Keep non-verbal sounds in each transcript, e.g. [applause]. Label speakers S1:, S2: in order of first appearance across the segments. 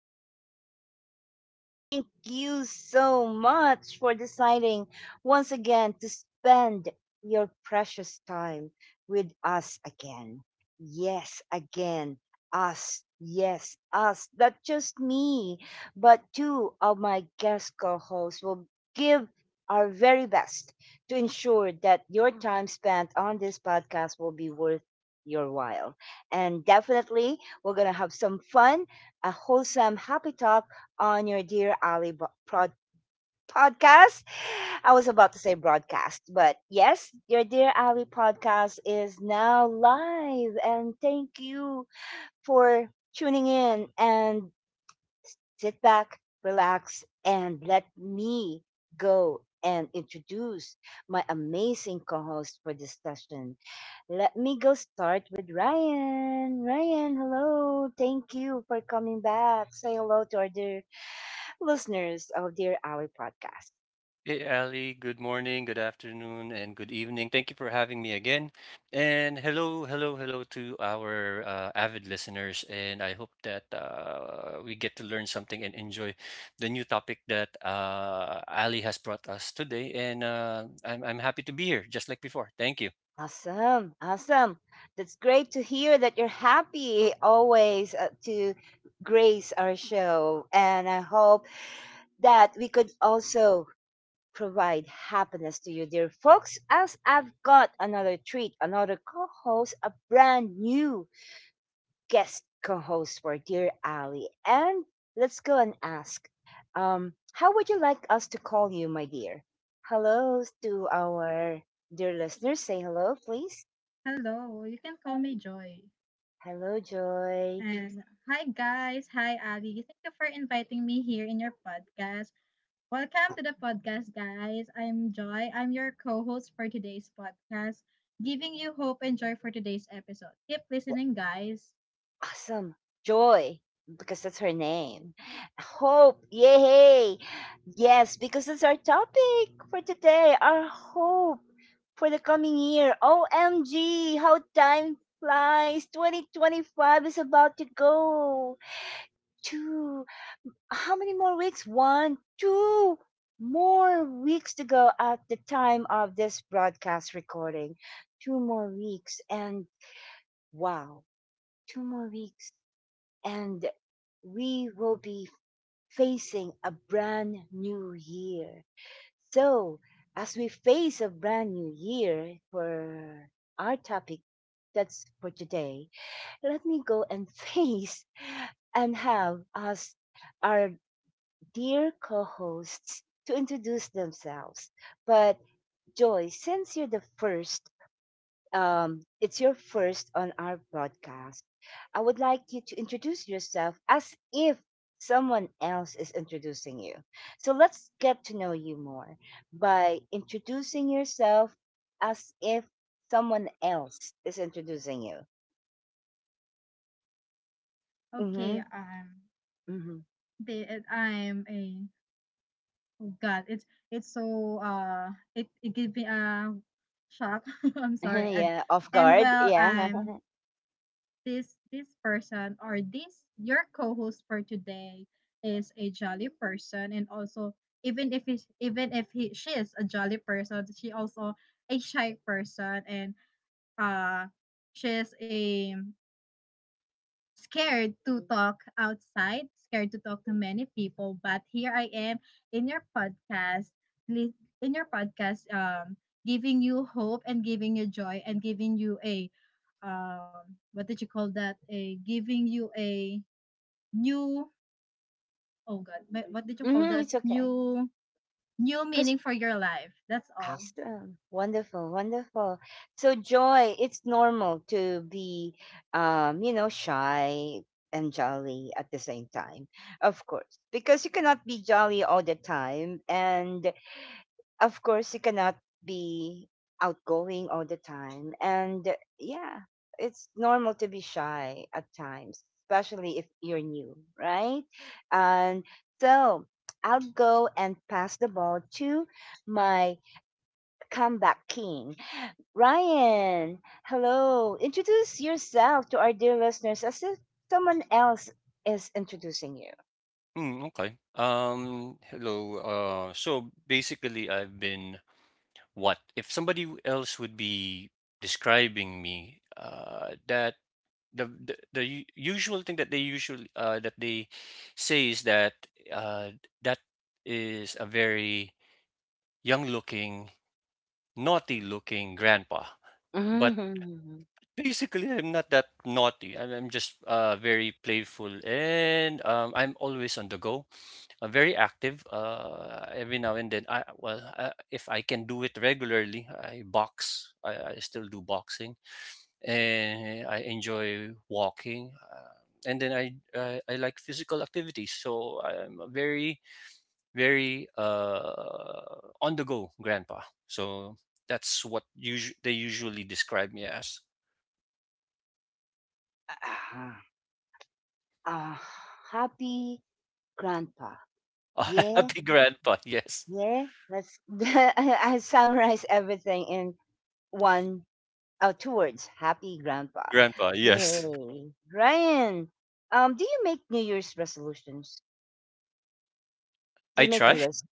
S1: again, dear folks. And I thank you so much for deciding once again to spend your precious time with us again. Yes, again. Us. Yes, us. Not just me, but two of my guest co hosts will give our very best to ensure that your time spent on this podcast will be worth your while. And definitely, we're going to have some fun, a wholesome, happy talk on your Dear Ali podcast. I was about to say broadcast, but yes, your Dear Ali podcast is now live. And thank you for tuning in and sit back, relax, and let me go and introduce my amazing co host for this session. Let me go start with Ryan. Ryan, hello. Thank you for coming back. Say hello to our dear listeners of Dear Ally podcast.
S2: Hey Ali, good morning, good afternoon, and good evening. Thank you for having me again. And hello, hello, hello to our avid listeners. And I hope that we get to learn something and enjoy the new topic that Ali has brought us today. And I'm happy to be here, just like before. Thank you.
S1: Awesome. Awesome. That's great to hear that you're happy always to grace our show. And I hope that we could also provide happiness to you, dear folks, as I've got another treat, another co host, a brand new guest co host for Dear Ali. And let's go and ask how would you like us to call you, my dear? Hello to our dear listeners. Say hello, please.
S3: Hello, you can call me Joy.
S1: Hello, Joy.
S3: Yes. And hi, guys. Hi, Ali. Thank you for inviting me here in your podcast. Welcome to the podcast, guys. I'm Joy. I'm your co host for today's podcast, giving you hope and joy for today's episode. Keep listening, guys.
S1: Awesome. Joy, because that's her name. Hope, yay! Yes, because that's our topic for today. Our hope for the coming year. OMG, how time flies. 2025 is about to go. Two, how many more weeks? One, two more weeks to go at the time of this broadcast recording. Two more weeks, and wow, two more weeks and we will be facing a brand new year. So, as we face a brand new year for our topic that's for today, let me go and [laughs] face and have us our dear co-hosts to introduce themselves. But Joy, since you're the first it's your first on our broadcast. I would like you to introduce yourself as if someone else is introducing you. So let's get to know you more by introducing yourself as if someone else is introducing you.
S3: Okay,
S1: Mm-hmm. Mm-hmm.
S3: I'm a oh God. It's so it gives me a shock. [laughs] I'm
S1: [laughs]
S3: sorry. And
S1: Yeah, off
S3: and
S1: guard.
S3: well,
S1: Yeah. [laughs]
S3: I'm this person, or this, your co-host for today, is a jolly person, and also, even if he's, even if he she is a jolly person, she also a shy person, and uh she's a scared to talk outside, scared to talk to many people. But here I am in your podcast, li- in your podcast, giving you hope and giving you joy and giving you a, what did you call that? A giving you a new, oh God, what did you call
S1: Mm-hmm,
S3: that?
S1: it's okay.
S3: New, new meaning for your life. That's all.
S1: Awesome. Wonderful. Wonderful. So, Joy, it's normal to be, you know, shy and jolly at the same time. Of course, because you cannot be jolly all the time. And of course, you cannot be outgoing all the time. And yeah, it's normal to be shy at times, especially if you're new, right? And so, I'll go and pass the ball to my comeback king. Ryan, hello. Introduce yourself to our dear listeners as if someone else is introducing you.
S2: Okay. Hello. So basically, I've been what? If somebody else would be describing me, that usual thing that they usually that they say is that uh, that is a very young looking, naughty looking grandpa. But
S1: Mhm.
S2: basically, I'm not that naughty. I'm just very playful, and I'm always on the go, very active. Every now and then, I well if I can do it regularly, I box. I still do boxing, and I enjoy walking. And then I like physical activities, so I'm a very, very on the go grandpa. So that's what they usually describe me as.
S1: Ah, ah, happy grandpa.
S2: [laughs] A
S1: Yeah,
S2: happy grandpa. Yes,
S1: yeah. Let's [laughs] I summarize everything in one two words. Happy grandpa.
S2: grandpa. Yes,
S1: Yay. Ryan, do you make New Year's resolutions? Do
S2: I
S1: you make a
S2: try.
S1: list?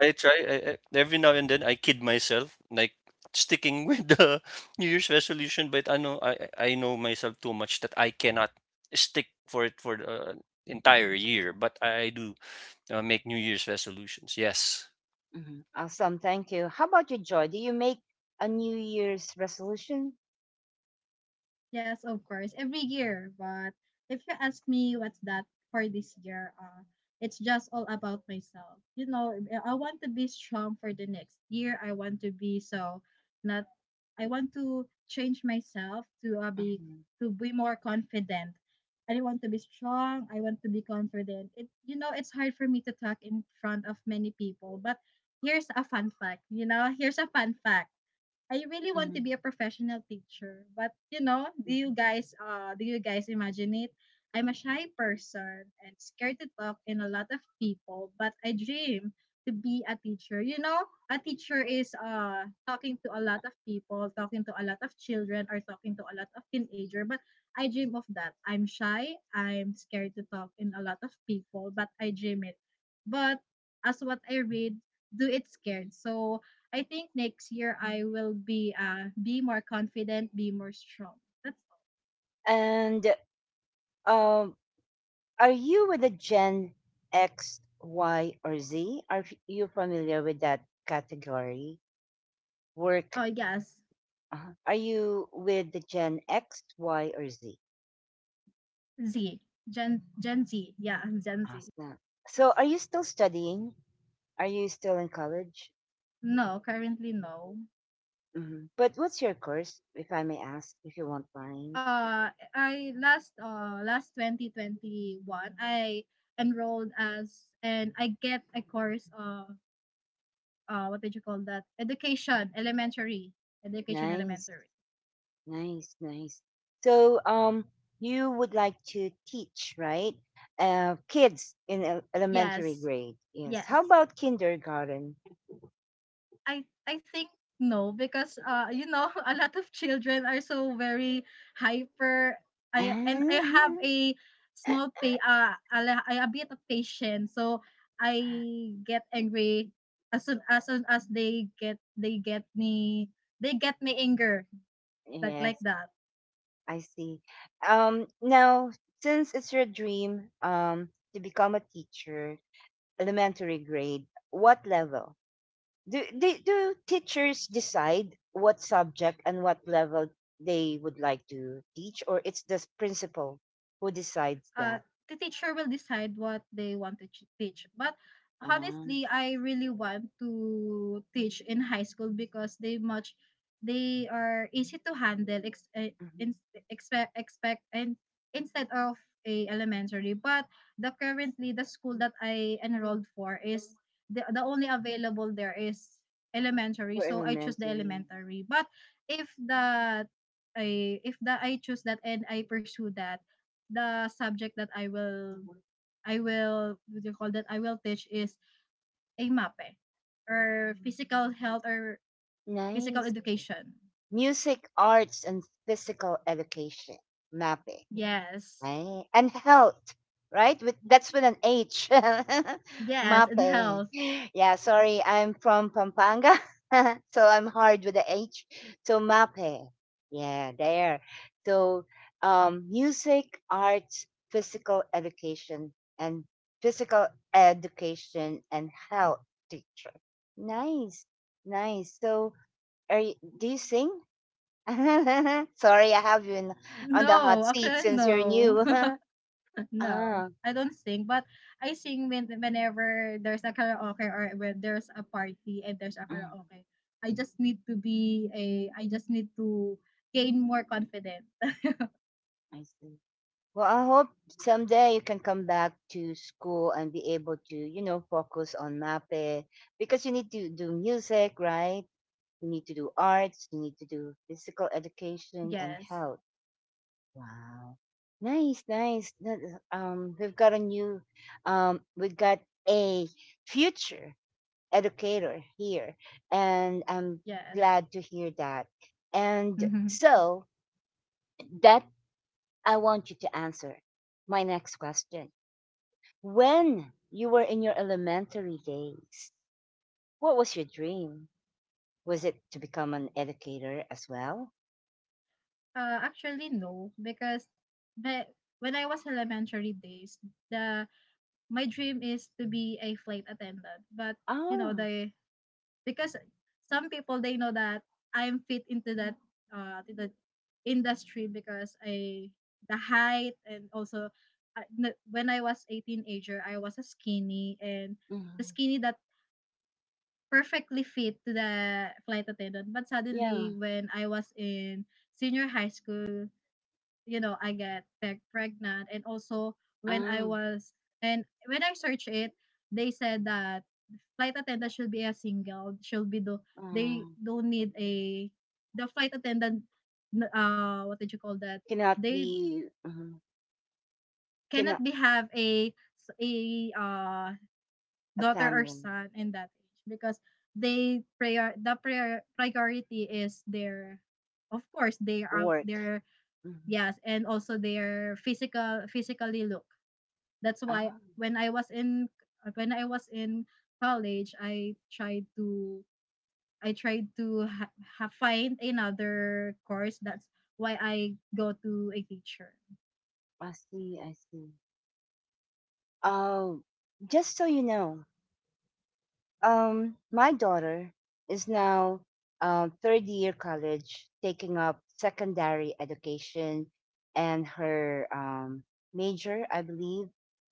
S2: Every now and then I kid myself, like sticking with the [laughs] New Year's resolution, but I know I know myself too much that I cannot stick for it for the entire year. But I do make New Year's resolutions. Yes.
S1: Mhm. Awesome. Thank you. How about you, Joy? Do you make a New Year's resolution?
S3: Yes, of course, every year. But if you ask me what's that for this year, it's just all about myself. You know, I want to be strong for the next year. I want to be so not. I want to change myself to be
S1: Mm-hmm.
S3: to be more confident. I don't want to be strong. I want to be confident. It, you know, it's hard for me to talk in front of many people. But here's a fun fact. You know, here's a fun fact. I really want to
S1: Hmm.
S3: be a professional teacher, but you know,
S1: Hmm.
S3: do you guys imagine it? I'm a shy person and scared to talk in a lot of people, but I dream to be a teacher. You know, a teacher is talking to a lot of people, talking to a lot of children, or talking to a lot of teenager, but I dream of that. I'm shy, I'm scared to talk in a lot of people, but I dream it. But as what I read, do it scared. So I think next year I will be more confident, be more strong. That's all.
S1: And um, are you with the Gen X, Y, or Z? Are you familiar with that category? Work.
S3: Oh yes,
S1: Uh, are you with the Gen X, Y, or Z?
S3: Z, Gen Z. Yeah, Gen Z.
S1: Awesome. So, are you still studying? Are you still in college?
S3: No, currently no.
S1: Hmm. But what's your course, if I may ask, if you won't mind?
S3: I last last 2021 I enrolled as and I get a course of what did you call that? Education elementary. Education
S1: Nice.
S3: elementary.
S1: Nice, nice. So, you would like to teach, right? Kids in elementary
S3: Yes,
S1: grade. Yes. How
S3: yes.
S1: about kindergarten? [laughs]
S3: I think no, because you know, [laughs] a lot of children are so very hyper. I have
S1: Ah,
S3: a small pay a, I a bit of patience, so I get angry as soon as they get me anger, like
S1: yes,
S3: that.
S1: I see. Now, since it's your dream, to become a teacher, elementary grade, what level? Do teachers decide what subject and what level they would like to teach, or it's the principal who decides
S3: uh,
S1: that?
S3: the teacher will decide what they want to teach. But
S1: Um,
S3: honestly, I really want to teach in high school because they much they are easy to handle
S1: mhm.
S3: in, expect and instead of a elementary. But the currently the school that I enrolled for is the only available there is elementary,
S1: For
S3: so I choose the
S1: elementary.
S3: elementary. But if the if the I choose that and I pursue that, the subject that I will what do you call that, I will teach is a MAPE or physical health or physical
S1: Nice.
S3: education.
S1: Music, arts, and physical education. MAPE.
S3: Yes.
S1: Right. And health, right? With that's with an H. [laughs]
S3: Yes, in
S1: Mape.
S3: health.
S1: Yeah, sorry, I'm from Pampanga. [laughs] So I'm hard with the H. So Mape. Yeah, there. So um, music, arts, and physical education and health teacher. Nice. Nice. So are you, do you sing? [laughs] Sorry, I have you in on the hot
S3: No,
S1: seat
S3: actually
S1: since you're
S3: no.
S1: new. [laughs]
S3: [laughs] No.
S1: Ah,
S3: I don't sing, but I sing when, whenever there's a karaoke, or when there's a party and there's a
S1: mhm,
S3: karaoke. I just need to be a, I just need to gain more confidence.
S1: I see. Well, I hope someday you can come back to school and be able to, you know, focus on MAPE because you need to do music, right? You need to do arts, you need to do physical education and
S3: Yes.
S1: health. Wow. Nice, nice. That is- we've got a new, we've got a future educator here, and I'm
S3: Yes.
S1: glad to hear that. And
S3: [laughs]
S1: so, that I want you to answer my next question. When you were in your elementary days, what was your dream? Was it to become an educator as well?
S3: Actually, no, because the, when I was elementary days, the my dream is to be a flight attendant. But you know,
S1: Oh,
S3: they, because some people they know that I'm fit into that to the industry because I the height, and also when I was a teenager, I was a skinny, and the
S1: mhm.
S3: skinny that perfectly fit to the flight attendant. But
S1: Yeah.
S3: suddenly, when I was in senior high school, you know, I get pregnant, and also when I
S1: Oh,
S3: was and when I searched it, they said that flight attendant should be a single, should be the, they
S1: um,
S3: don't need a, the flight attendant. What did you call that?
S1: cannot
S3: They
S1: be, mhm.
S3: cannot
S1: Cannot
S3: be have a uh
S1: a
S3: daughter or
S1: family
S3: son in that age, because they priority is their, of course they are
S1: work.
S3: their,
S1: Mhm.
S3: yes, and also their physical physically look. That's why
S1: Oh,
S3: when I was in, when I was in college, I tried to, I tried to find another course. That's why I go to a teacher.
S1: I see, I see. Oh, just so you know, um, my daughter is now third year college, taking up secondary education, and her major, I believe,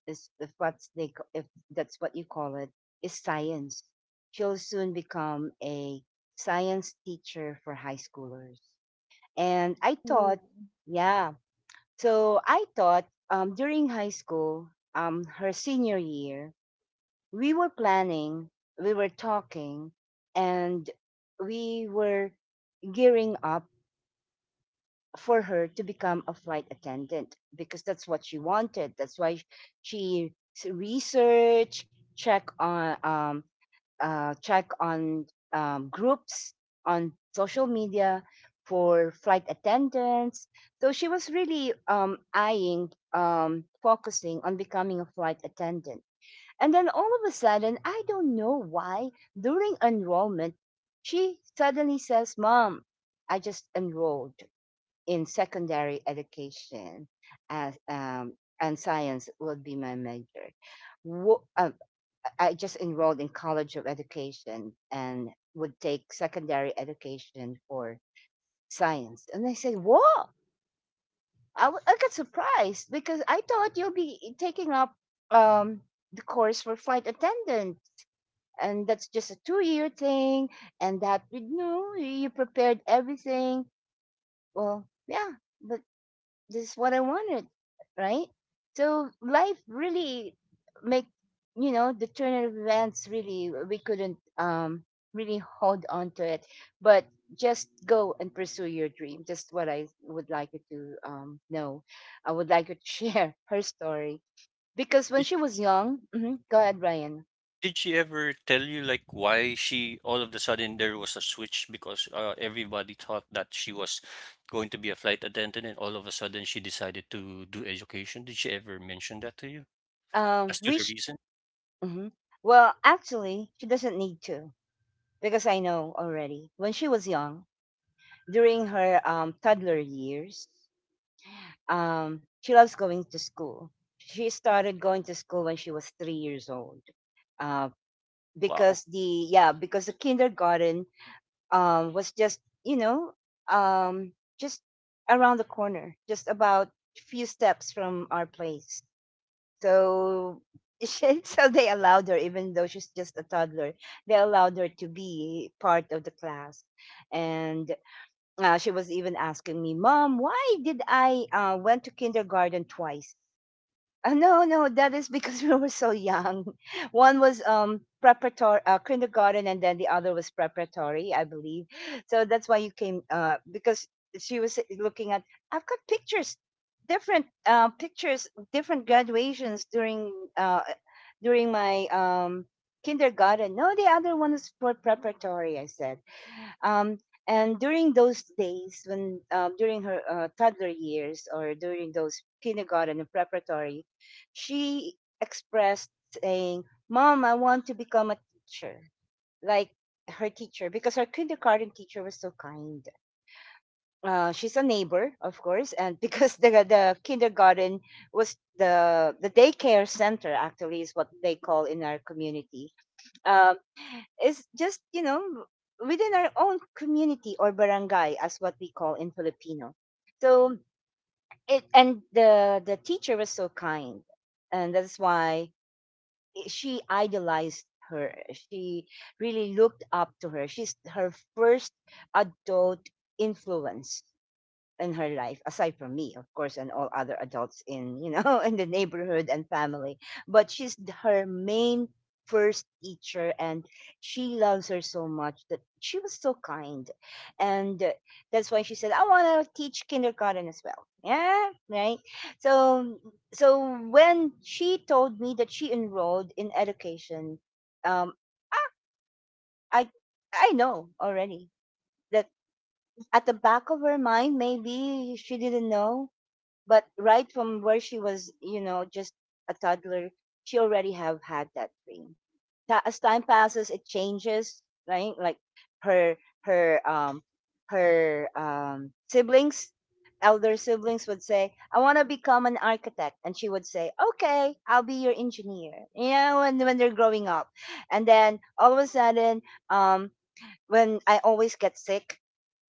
S1: is if what's they if that's what you call it, is science. She'll soon become a science teacher for high schoolers. And I
S3: Ooh,
S1: thought, yeah. So I thought during high school, her senior year, we were planning, we were talking, and we were gearing up for her to become a flight attendant because that's what she wanted. That's why she s- research, check on, check on groups on social media for flight attendants. So she was really eyeing, focusing on becoming a flight attendant and then all of a sudden, I don't know why, during enrollment, she suddenly says, "Mom, I just enrolled in secondary education as, and science would be my major. Wo- uh, I just enrolled in College of Education and would take secondary education for science." And I said, "Whoa! I, I got surprised because I thought you'll be taking up um, the course for flight attendant and that's just a 2-year thing and that you know you prepared everything well." "Yeah, but this is what I wanted," right? So life really make, you know, the turn of events really we couldn't really hold on to it but just go and pursue your dream. Just what I would like you to know, I would like you to share [laughs] her story because when
S2: Did,
S1: she was young. Mhm, go ahead Ryan.
S2: did she ever tell you like why she, all of the sudden, there was a switch, because everybody thought that she was going to be a flight attendant, and all of a sudden she decided to do education? Did she ever mention that to you
S1: Um,
S2: as to
S1: we
S2: the reason?
S1: hmm. Well, actually, she doesn't need to because I know already. When she was young, during her toddler years, she loves going to school. She started going to school when she was 3 years old, uh,
S2: Wow.
S1: because the yeah because the kindergarten was just you know um, just around the corner, just about few steps from our place. So she, [laughs] so they allowed her, even though she's just a toddler, they allowed her to be part of the class. And she was even asking me, "Mom, why did I went to kindergarten twice?" No, no, that is because [laughs] we were so young. [laughs] One was preparatory kindergarten, and then the other was preparatory, I believe. So that's why you came because she was eh, looking at. I've got pictures, different graduations during during my kindergarten. No, the other one is for preparatory. I said um, and during those days, when during her toddler years or during those kindergarten and preparatory, she expressed saying, "Mom, I want to become a teacher, like her teacher," because her kindergarten teacher was so kind. She's a neighbor, of course, and [laughs] because the kindergarten was the daycare center actually is what they call in our community. Uh, it's just, you know, within our own community or barangay, as what we call in Filipino. So it and the teacher was so kind, and that's why she idolized her. She really looked up to her. She's her first adult influence in her life aside from me of course and all other adults in you know [laughs] in the neighborhood and family but she's her main first teacher and she loves her so much that she was so kind and that's why she said, "I want to teach kindergarten as well." Yeah, right. So so when she told me that she enrolled in education um ah, i I know already that at the back of her mind maybe she didn't know but right from where she was, you know, just a toddler, she already have had that dream. As time passes, it changes, right? Like her her um her siblings, elder siblings would say, "I want to become an architect," and she would say, "Okay, I'll be your engineer." You know, when they're growing up, and then all of a sudden, um, when I always get sick,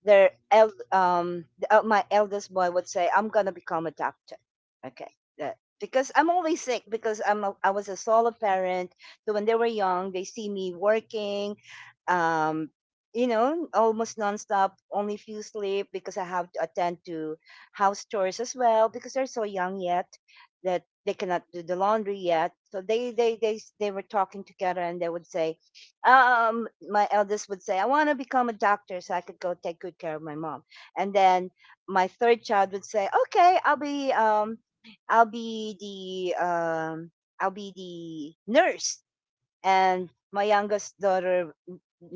S1: my eldest boy would say, "I'm gonna become a doctor." Okay, because I'm always sick because I was a solo parent. So when they were young, they see me working, um, you know, almost nonstop, only few sleep because I have to attend to house chores as well because they're so young yet that they cannot do the laundry yet. So they were talking together and they would say, my eldest would say, "I want to become a doctor so I could go take good care of my mom." And then my third child would say, "Okay, i'll be the um I'll be the nurse." And my youngest daughter,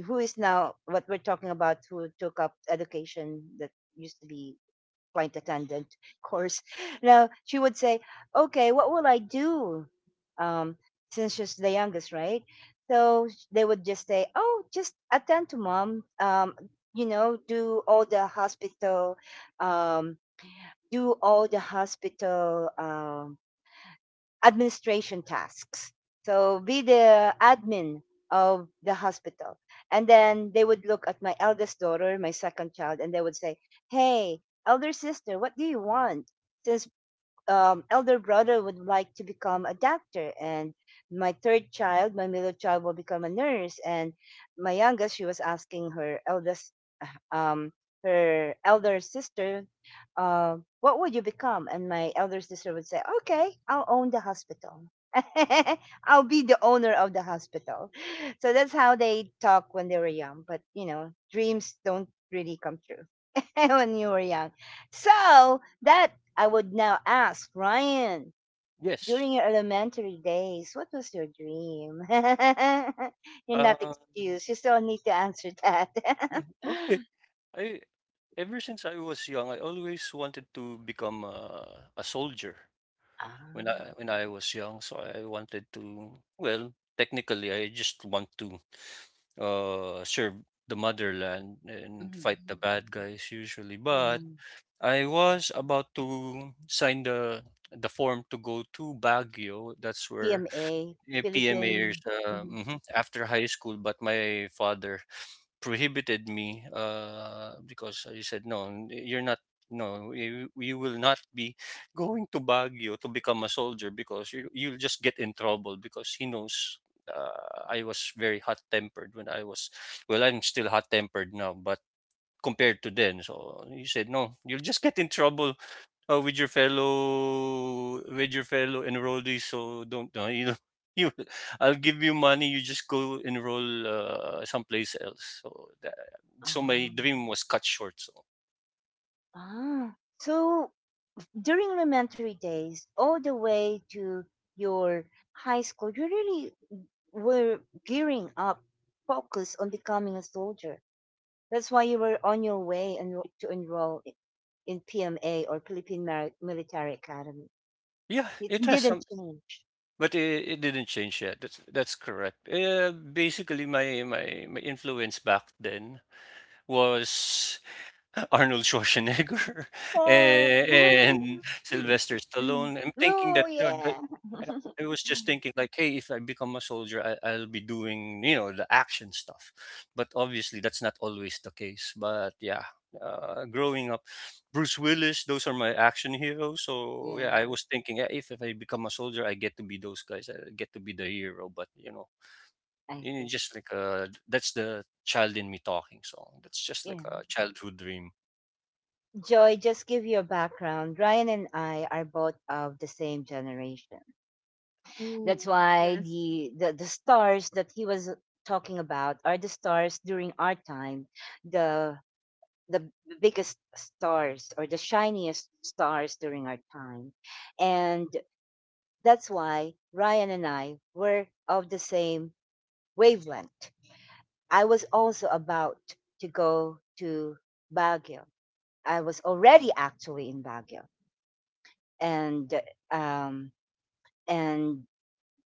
S1: who is now what we're talking about, who took up education, that used to be flight attendant [laughs] course. Now she would say, "Okay, what will I do?" Um, since she's the youngest, right? So they would just say, "Oh, just attend to mom. You know, do all the um, hospital administration tasks. So be the admin of the hospital." And then they would look at my eldest daughter, my second child, and they would say, "Hey, elder sister, what do you want? Since elder brother would like to become a doctor, and my third child, my middle child, will become a nurse." And my youngest, she was asking her eldest, um, her elder sister, "What would you become?" And my elder sister would say, "Okay, I'll own the hospital. [laughs] I'll be the owner of the hospital." So that's how they talk when they were young. But you know, dreams don't really come true [laughs] when you were young. So that I would now ask Ryan.
S2: Yes.
S1: During your elementary days, what was your dream? [laughs] You're not
S2: Um,
S1: excused. You still need to answer that. [laughs]
S2: [laughs] okay. I, ever since I was young, I always wanted to become a soldier. When
S1: Ah.
S2: I when I was young, so I wanted to. Well, technically, I just want to serve the motherland and
S1: Mhm.
S2: fight the bad guys usually. But
S1: Um,
S2: I was about to sign the form to go to Baguio. That's where.
S1: PMA,
S2: PMA years,
S1: Philippine. Mhm.
S2: after high school. But my father prohibited me, because he said, "No, you're not. No, you will not be going to Baguio to become a soldier, because you'll just get in trouble." Because he knows, I was very hot tempered when I was. Well, I'm still hot tempered now, but compared to then. So he said, "No, you'll just get in trouble with your fellow, enrollees, so don't, you know, [laughs] you I'll give you money. You just go enroll someplace else." So that, so my
S1: Um,
S2: dream was cut short. So
S1: so during elementary days, all the way to your high school, you really were gearing up, focused on becoming a soldier. That's why you were on your way and to enroll in PMA, or Philippine Military Academy.
S2: yeah,
S1: It
S2: it has some,
S1: didn't change.
S2: but it didn't change yet. That's correct. Basically, my, influence back then was Arnold Schwarzenegger [laughs]
S1: Oh,
S2: and
S1: [laughs]
S2: Sylvester
S1: Mm.
S2: Stallone. I'm thinking
S1: No,
S2: that, you know, that
S1: yeah, [laughs]
S2: I was just thinking like, hey, if I become a soldier, I'll be doing, you know, the action stuff. But obviously, that's not always the case. But yeah, growing up, Bruce Willis, those are my action heroes. So
S1: yeah.
S2: yeah, I was thinking, yeah, if I become a soldier, I get to be those guys. I get to be the hero. But
S1: I
S2: you know,
S1: see.
S2: just like, that's the child in me talking. So that's just like
S1: Yeah.
S2: a childhood dream.
S1: Joy, just give you a background. Ryan and I are both of the same generation. That's
S3: ooh,
S1: why
S3: yes,
S1: the stars that he was talking about are the stars during our time, the the biggest stars or the shiniest stars during our time. And that's why Ryan and I were of the same wavelength. I was also about to go to Baguio. I was already actually in Baguio, and um and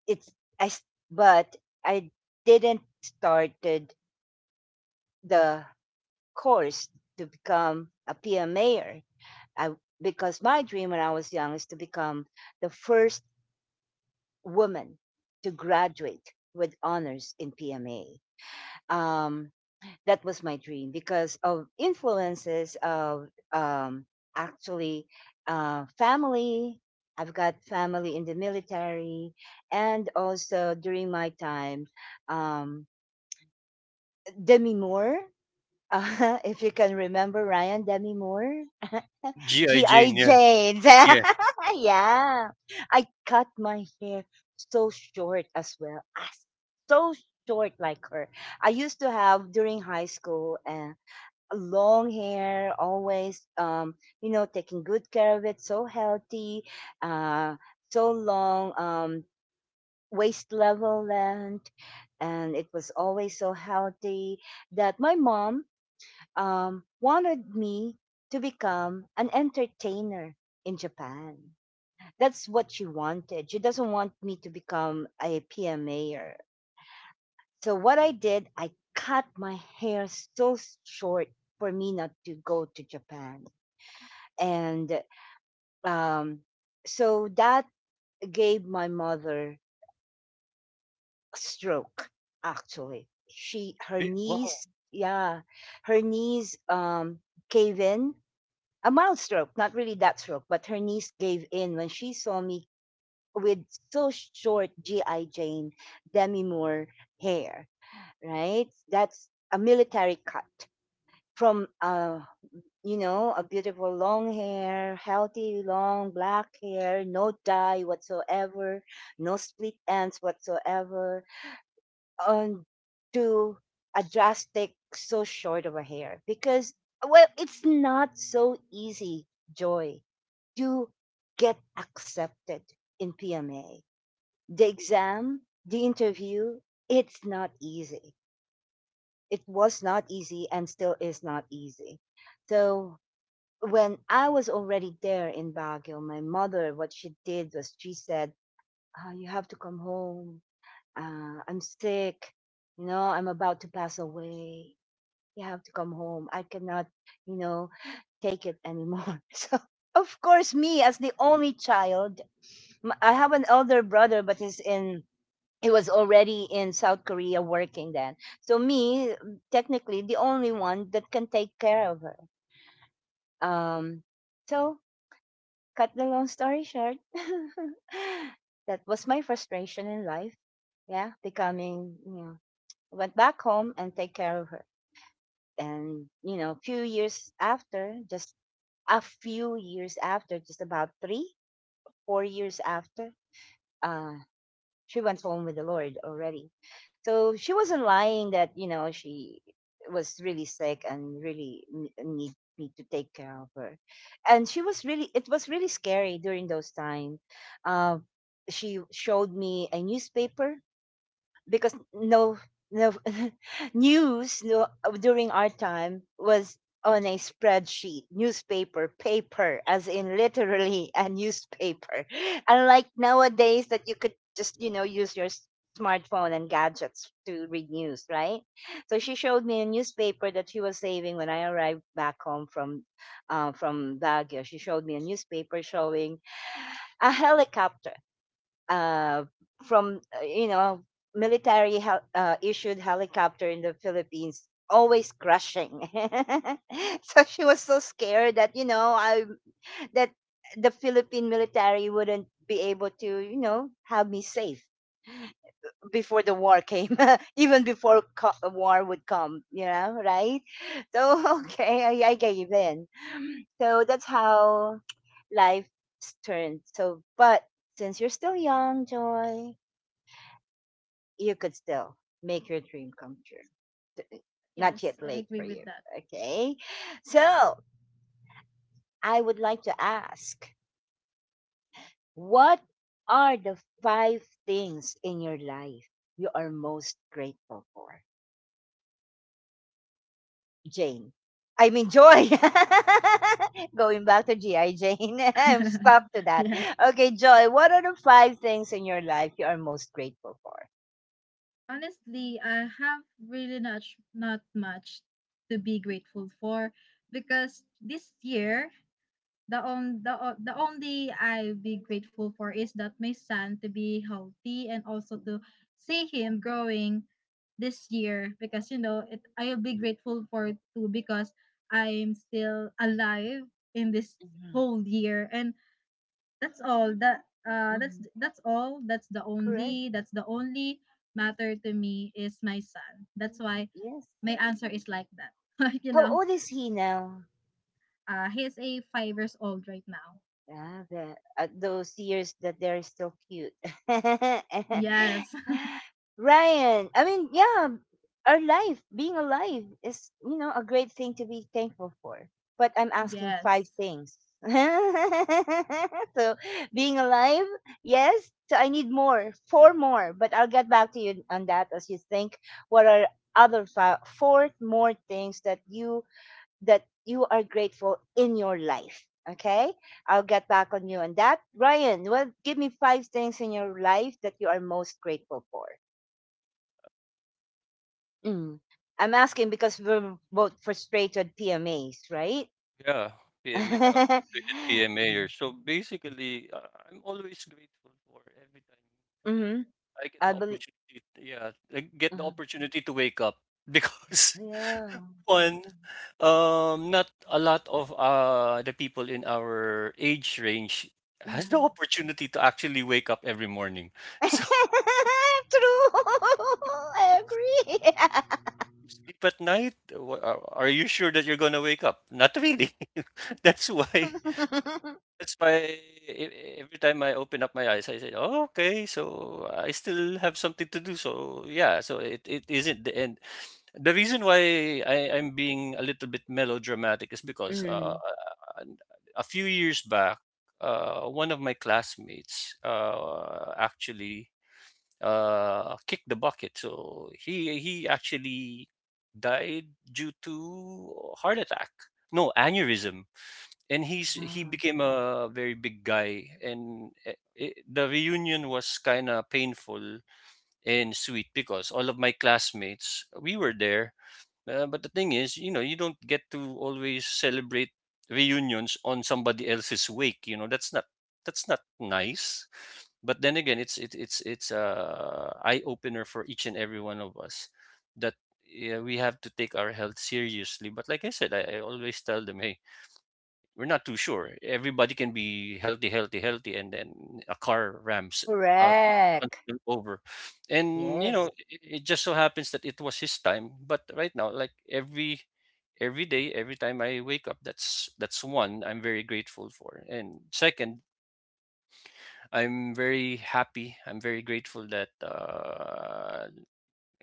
S1: it's I s- but I didn't started the course to become a PM mayor. I Because my dream when I was young is to become the first woman to graduate with honors in PMA. Um, that was my dream because of influences of actually family. I've got family in the military, and also during my time, um, Demi Moore. [laughs] If you can remember Ryan, Demi Moore,
S2: G.I.
S1: G.I.
S2: Jane, yeah.
S1: Jane.
S2: Yes,
S1: [laughs] Yeah. I cut my hair so short as well. Ah, so short like her. I used to have during high school, long hair, always, you know, taking good care of it, so healthy, uh so long, waist level length, and it was always so healthy that my mom wanted me to become an entertainer in Japan. That's what she wanted. She doesn't want me to become a PMAer. So what I did, I cut my hair so short for me not to go to Japan, and um, so that gave my mother a stroke. Actually, she her
S2: we, wow,
S1: knees, yeah, her knees gave in, a mild stroke, not really that stroke, but her knees gave in when she saw me with so short GI Jane Demi Moore hair, right? That's a military cut from, you know, a beautiful long hair, healthy long black hair, no dye whatsoever, no split ends whatsoever, on to a drastic so short of a hair. Because well, it's not so easy, Joy, to get accepted in PMA. The exam, the interview, it's not easy. It was not easy and still is not easy. So when I was already there in Baguio, my mother, what she did was she said, "Oh, you have to come home. I'm sick. You know, I'm about to pass away. You have to come home. I cannot, you know, take it anymore." [laughs] So of course, me as the only child, I have an elder brother, but he's in. He was already in South Korea working then. So me, technically, the only one that can take care of her. Um, so cut the long story short, [laughs] that was my frustration in life. Yeah, becoming, you know, went back home and take care of her. And you know, few years after, just a few years after, just about three, four years after, uh, she went home with the Lord already. So she wasn't lying that, you know, she was really sick and really need me to take care of her. And she was really, it was really scary during those times. Uh, she showed me a newspaper because no [laughs] news no, during our time was on a spreadsheet newspaper paper, as in literally a newspaper, [laughs] unlike nowadays that you could just, you know, use your smartphone and gadgets to read news, right? So she showed me a newspaper that she was saving when I arrived back home from, from Baguio. She showed me a newspaper showing a helicopter, uh, from you know, military issued helicopter in the Philippines always crashing. [laughs] So she was so scared that, you know, I that the Philippine military wouldn't be able to, you know, have me safe before the war came, [laughs] even before war would come, you know, right? So [laughs] okay, I gave in. So that's how life turned. So but since you're still young, Joy, you could still make your dream come true. Not
S3: yes,
S1: yet
S3: I
S1: late for
S3: agree
S1: you.
S3: with that.
S1: Okay. So I would like to ask, what are the five things in your life you are most grateful for? Jane. I mean, Joy. [laughs] Going back to GI Jane. [laughs] I'm
S3: [laughs]
S1: stuck to that.
S3: Yes,
S1: Okay, Joy, what are the five things in your life you are most grateful for?
S3: honestly, I have really not, not much to be grateful for, because this year the on the only I be grateful for is that my son to be healthy, and also to see him growing this year, because you know, it, I'll be grateful for it too, because I'm still alive in this
S1: Mhm.
S3: whole year. And
S1: Hmm.
S3: that's all that's the
S1: Correct.
S3: only, that's the only matter to me is my son. That's why
S1: Yes.
S3: my answer is like that. [laughs] Like, you
S1: How
S3: know,
S1: old is he now?
S3: he's a 5 years old right now.
S1: Yeah, the, those years that they're still cute. [laughs]
S3: Yes
S1: Ryan, I mean, yeah, our life, being alive is, you know, a great thing to be thankful for. But I'm asking five
S3: Yes.
S1: things. [laughs] So,
S3: Y-
S1: being alive, yes. So I need more, four more. But I'll get back to you on that as you think what are other five, four more things that you are grateful in your life. Okay, I'll get back on you on that. Ryan, well, give me five things in your life that you are most grateful for. Mm. I'm asking because we're both frustrated PMAs, right?
S2: yeah. PMA,
S1: [laughs]
S2: frustrated PMAer. So basically, I'm always grateful for every time
S1: Mm-hmm.
S2: I get the
S1: I believe.
S2: opportunity. Yeah, I get the opportunity to wake up, [laughs] because
S1: Yeah.
S2: one, not a lot of the people in our age range has the
S1: Mhm.
S2: opportunity to actually wake up every morning. [laughs] So
S1: [laughs] True. [laughs] I agree.
S2: you sleep at night. Are you sure that you're gonna wake up? Not really. [laughs] That's why.
S1: [laughs]
S2: That's why every time I open up my eyes, I say, "Oh, okay, so I still have something to do." So yeah, so it isn't the end. The reason why I'm being a little bit melodramatic is because,
S1: Mhm.
S2: a few years back, one of my classmates actually, kicked the bucket. So he actually died due to heart attack. No, aneurysm. And he
S1: Ah,
S2: became a very big guy, and the reunion was kind of painful and sweet, because all of my classmates, we were there. But the thing is, you know, you don't get to always celebrate reunions on somebody else's wake. You know, that's not, that's not nice. But then again, it's a eye opener for each and every one of us, that yeah, we have to take our health seriously. But like I said, I always tell them, hey, we're not too sure. Everybody can be healthy, healthy, healthy, and then a car rams uh
S1: correct.
S2: over. And you know,
S1: Yes.
S2: it just so happens that it was his time. But right now, like every, day, every time I wake up, that's, one I'm very grateful for. And second, I'm very happy, I'm very grateful that, uh,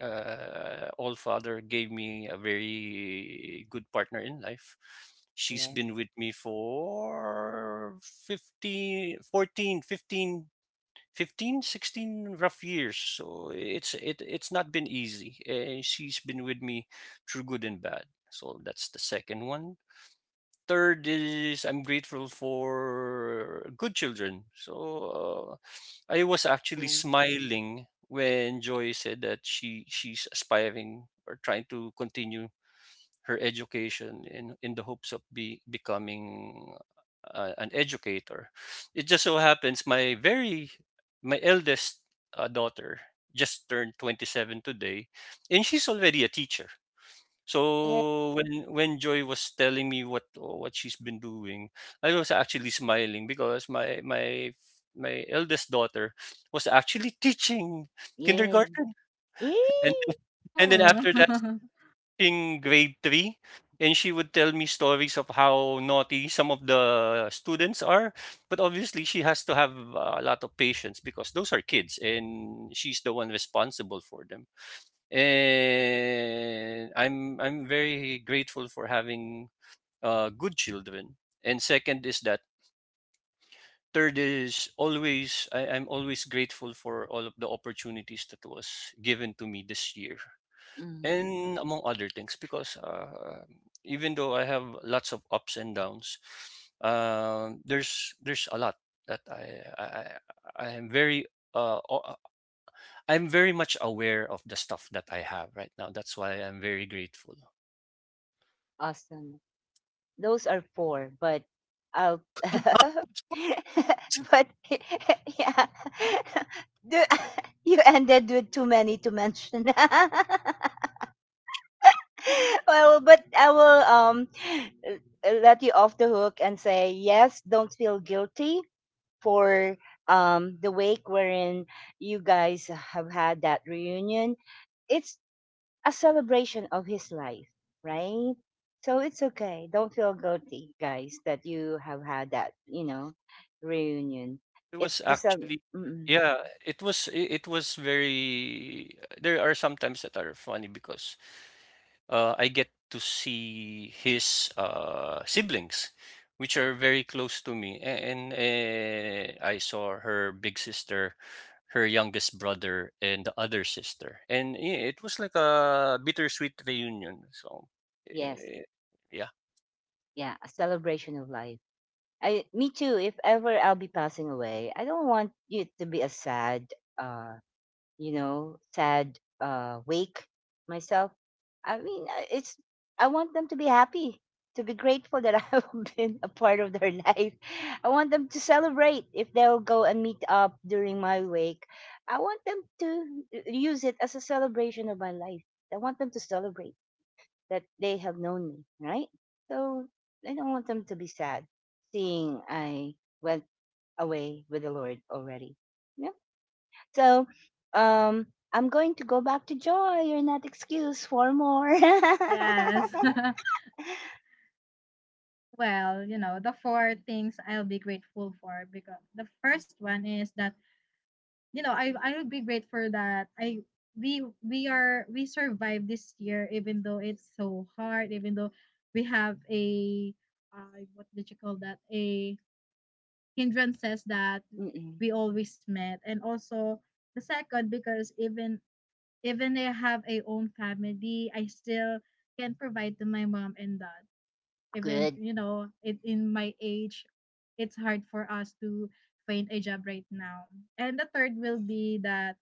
S2: uh, all father gave me a very good partner in life. She's
S1: Yes.
S2: been with me for 15, 14, 15, 15, 16 rough years. So it's not been easy, and she's been with me through good and bad. So that's the second one. Third is, I'm grateful for good children. So I was actually
S1: Yeah.
S2: smiling when Joy said that she's aspiring or trying to continue her education, in the hopes of be becoming an educator. It just so happens, my very, my eldest, daughter just turned 27 today, and she's already a teacher.
S1: Yeah,
S2: So when Joy was telling me what, she's been doing, I was actually smiling, because my eldest daughter was actually teaching
S1: yeah.
S2: kindergarten, and
S1: Yay!
S2: then
S3: Oh,
S2: after that
S3: [laughs]
S2: in grade three, and she would tell me stories of how naughty some of the students are. But obviously, she has to have a lot of patience, because those are kids, and she's the one responsible for them. And I'm very grateful for having, good children. And second is that, third is, always, I'm always grateful for all of the opportunities that was given to me this year,
S1: Mm,
S2: and among other things, because, even though I have lots of ups and downs, there's a lot that i, I I am very, uh, o- I'm very much aware of the stuff that I have right now. That's why I'm very grateful.
S1: awesome. Those are four, but I'll [laughs] but [laughs] yeah. [laughs] Do- [laughs] you ended with too many to mention. [laughs] Well, but I will uh, let you off the hook and say yes, don't feel guilty for the wake wherein you guys have had that reunion. It's a celebration of his life, right? So it's okay. Don't feel guilty, guys, that you have had that, you know, reunion.
S2: It was
S1: It's the cel-
S2: actually,
S1: mm,
S2: yeah, it was, it was very, there are some times that are funny, because, I get to see his, siblings, which are very close to me, and I saw her big sister, her youngest brother, and the other sister, and yeah, it was like a bittersweet reunion. So,
S1: Yes,
S2: eh, yeah.
S1: yeah, a celebration of life. I, me too. If ever I'll be passing away, I don't want it to be a sad, uh, you know, sad wake myself. I mean, it's I want them to be happy, to be grateful that [laughs] I've been a part of their [laughs] life. I want them to celebrate if they'll go and meet up during my wake. I want them to use it as a celebration of my life. I want them to celebrate that they have known me, right? So I don't want them to be sad seeing I went away with the Lord already. So um, I'm going to go back to Joy. You're not excused for more. [laughs]
S3: yes. [laughs] Well, you know, the four things I'll be grateful for. Because the first one is that, you know, I will be grateful that I we are we survived this year even though it's so hard, even though we have a what did you call that? A hindrances that
S1: Mm-mm.
S3: we always met. And also the second, because even, even I have a own family, I still can provide to my mom and dad. Even
S1: Good.
S3: you know, it, in my age, it's hard for us to find a job right now. And the third will be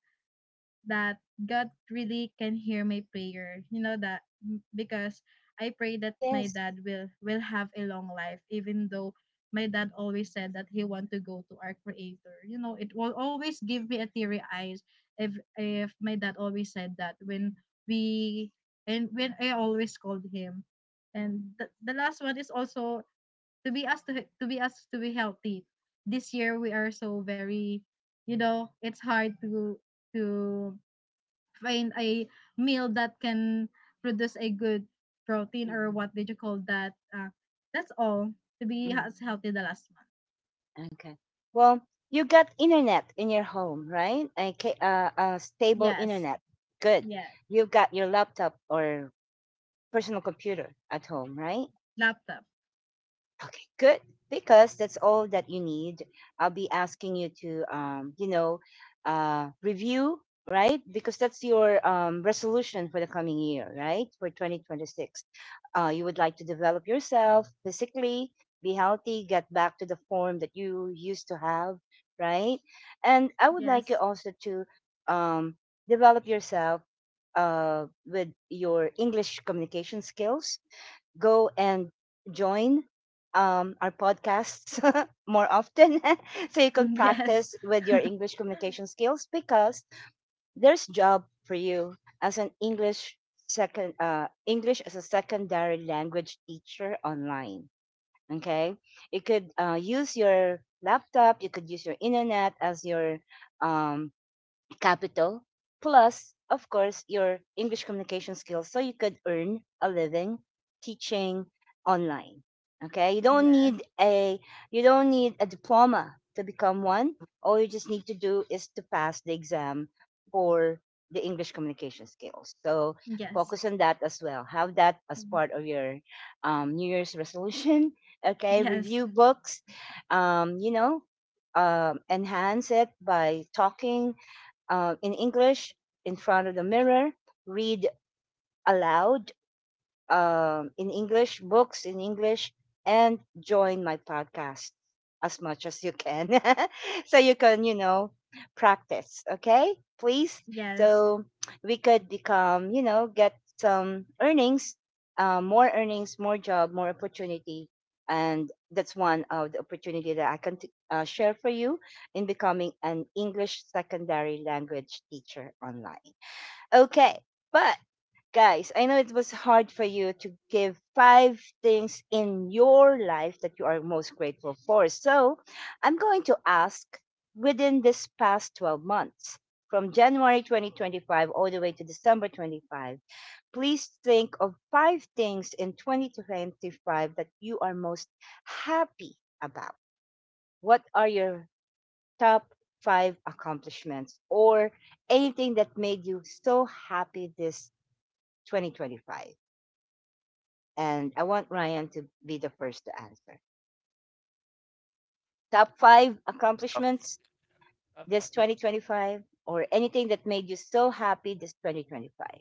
S3: that God really can hear my prayer. You know that because I pray that my
S1: Yes.
S3: dad will have a long life, even though my dad always said that he want to go to our creator. You know, it will always give me a teary eyes if my dad always said that, when we and when I always called him. And the last one is also to be asked to be asked to be healthy. This year we are so very, you know, it's hard to to find a meal that can produce a good protein, or
S1: Mm,
S3: what did you call that? That's all, to be
S1: mm.
S3: as healthy the last month.
S1: Okay. Well, you got internet in your home, right? Okay, stable
S3: Yes.
S1: internet. Good.
S3: Yes.
S1: You've got your laptop or personal computer at home, right?
S3: Laptop.
S1: Okay, good. Because that's all that you need. I'll be asking you to, you know, review, right? Because that's your resolution for the coming year, right? For 2026. You would like to develop yourself physically, be healthy, get back to the form that you used to have, right? And I would like you
S3: Yes.
S1: also to um, develop yourself with your English communication skills, go and join our podcasts [laughs] more often [laughs] so you can
S3: [laughs] Yes.
S1: practice with your English
S3: [laughs]
S1: communication skills because there's job for you as an English as a secondary language teacher online. Okay, you could use your laptop, you could use your internet as your um, capital, plus of course your English communication skills, so you could earn a living teaching online. Okay,
S3: Yes.
S1: you don't need a diploma to become one. All you just need to do is to pass the exam for the English communication skills, so
S3: Yes.
S1: focus on that as well. Have that as part of your new year's resolution. [laughs] Okay,
S3: Yes.
S1: review books, um, you know enhance it by talking in English in front of the mirror, read aloud in English, books in English, and join my podcast as much as you can. [laughs] So you can, practice, okay? Please.
S3: Yes.
S1: So we could become, get some earnings, more earnings, more job, more opportunity. And that's one of the opportunity that I can share for you in becoming an English secondary language teacher online. Okay, but guys, I know it was hard for you to give five things in your life that you are most grateful for. So I'm going to ask, within this past 12 months, from January 2025 all the way to December 25, please think of five things in 2025 that you are most happy about. What are your top five accomplishments, or anything that made you so happy this 2025? And I want Ryan to be the first to answer. Top five
S2: tough-
S1: accomplishments this 2025, or anything that made you so happy this 2025.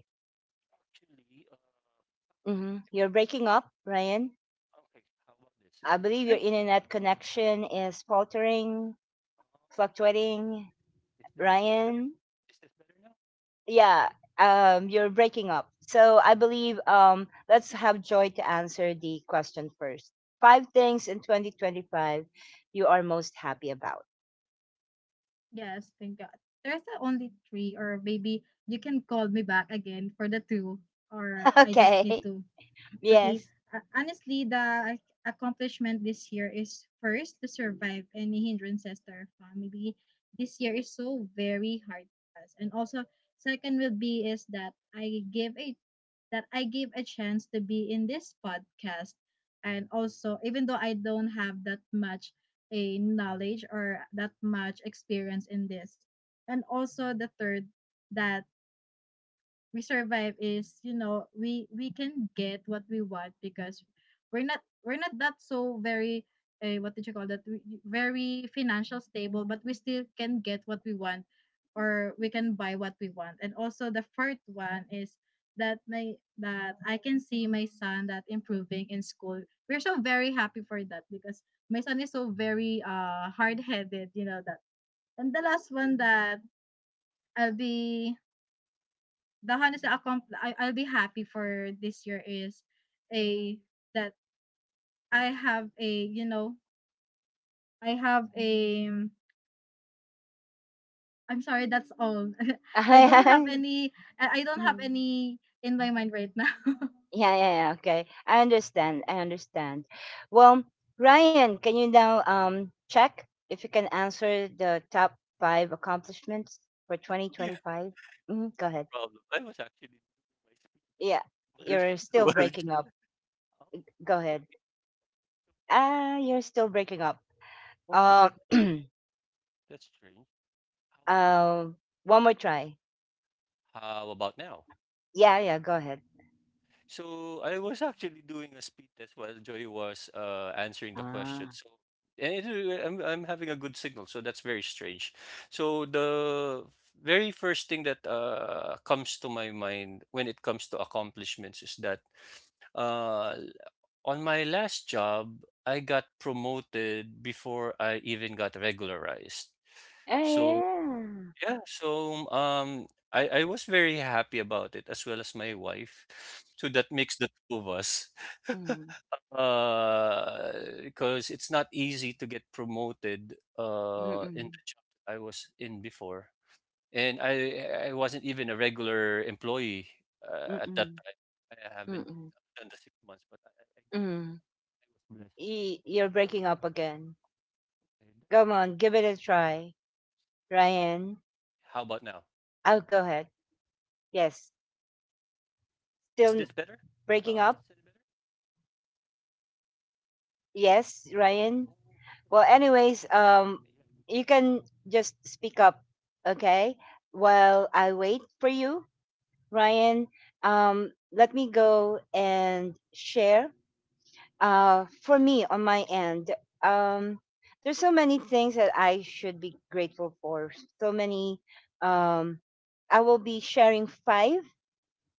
S2: Actually,
S1: Mm-hmm. You're breaking up, Ryan.
S2: okay, how about this?
S1: I
S2: Is this
S1: believe your
S2: better?
S1: internet connection is faltering,
S2: Oh,
S1: fluctuating.
S2: is this better?
S1: Ryan,
S2: Is this better now?
S1: yeah,
S2: Okay.
S1: you're breaking up. So I believe let's have Joy to answer the question first. Five things in 2025 you are most happy about. [laughs]
S3: Yes. Thank God. There's the only three, or maybe you can call me back again for the two, or I just need
S1: Okay.
S3: to. Okay.
S1: Yes.
S3: Honestly, the accomplishment this year is first to survive any hindrances to our family. This year is so very hard for us. And also, second will be is that I gave a that I gave a chance to be in this podcast. And also, even though I don't have that much a knowledge or that much experience in this. And also the third, that we survive is, you know, we can get what we want, because we're not that so very what did you call that? Very financial stable, but we still can get what we want, or we can buy what we want. And also the third one is that my that I can see my son that improving in school. We're so very happy for that, because my son is so very hard-headed, you know that. And the last one that I'll be, the honest I'll be happy for this year, is a that I have a, you know, I have a, I'm sorry, that's all. [laughs] I don't have
S1: [laughs]
S3: any, I don't have
S1: Mhm.
S3: any in my mind right now. [laughs]
S1: Yeah, yeah, yeah. Okay, I understand. I understand. Well, Ryan, can you now check if you can answer the top five accomplishments for
S2: Yeah.
S1: 2025? Mm-hmm. Go ahead.
S2: No problem. I was actually doing my speed
S1: Yeah, you're
S2: test [laughs]
S1: still
S2: while she.
S1: breaking up.
S2: [laughs]
S1: Go
S2: Oh,
S1: ahead.
S2: okay, so.
S1: Ah, you're still breaking up.
S2: Okay,
S1: Uh, [clears throat]
S2: that's strange. How about now?
S1: uh, one more try.
S2: How about now?
S1: Yeah, yeah. Go ahead.
S2: So I was actually doing a speed test while Joy was, answering the question.
S1: Ah,
S2: So and it, I'm having a good signal, so that's very strange. So the very first thing that, comes to my mind when it comes to accomplishments, is that, uh, on my last job, I got promoted before I even got regularized.
S1: oh,
S2: So
S1: yeah.
S2: yeah, so, I was very happy about it, as well as my wife. So that makes the two of us. [laughs]
S1: Mm,
S2: Because it's not easy to get promoted
S1: mm, mm,
S2: in the job that I was in before. And I wasn't even a regular employee, at that
S1: mm,
S2: time. I haven't
S1: mm,
S2: done the 6 months, but I got I
S1: mm.
S2: was blessed.
S1: You're breaking up again. Come on, give it a try.
S2: How about now?
S1: Ryan,
S2: How about now?
S1: I'll go ahead.
S2: Is this better?
S1: Yes.
S2: Is this any better?
S1: Still breaking up?
S2: Okay.
S1: Yes, Ryan.
S2: Yeah.
S1: Well, anyways, you can just speak up, okay? While I wait for you, Ryan, let me go and share, for me on my end, um there's so many things that I should be grateful for, so many. um I will be sharing five,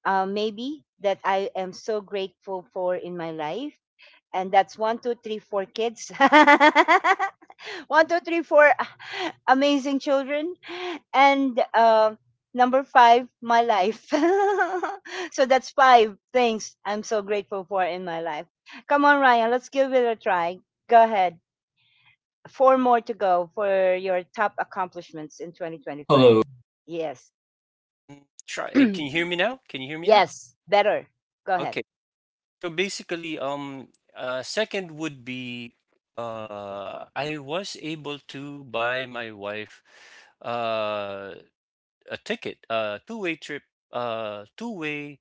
S1: maybe, that I am so grateful for in my life, and that's one two three four kids. [laughs] One two three four [laughs] amazing children. And number five, my life. [laughs] So that's five things I'm so grateful for in my life. Come on, Ryan, let's give it a try. Go ahead. Four more to go for your top accomplishments in 2025.
S2: Hello.
S1: Yes.
S2: Try. Can you hear me now? Can you hear
S1: [clears throat]
S2: me now?
S1: Yes, better. Go ahead.
S2: Okay. So basically, second would be, I was able to buy my wife uh a ticket, a two-way trip, two-way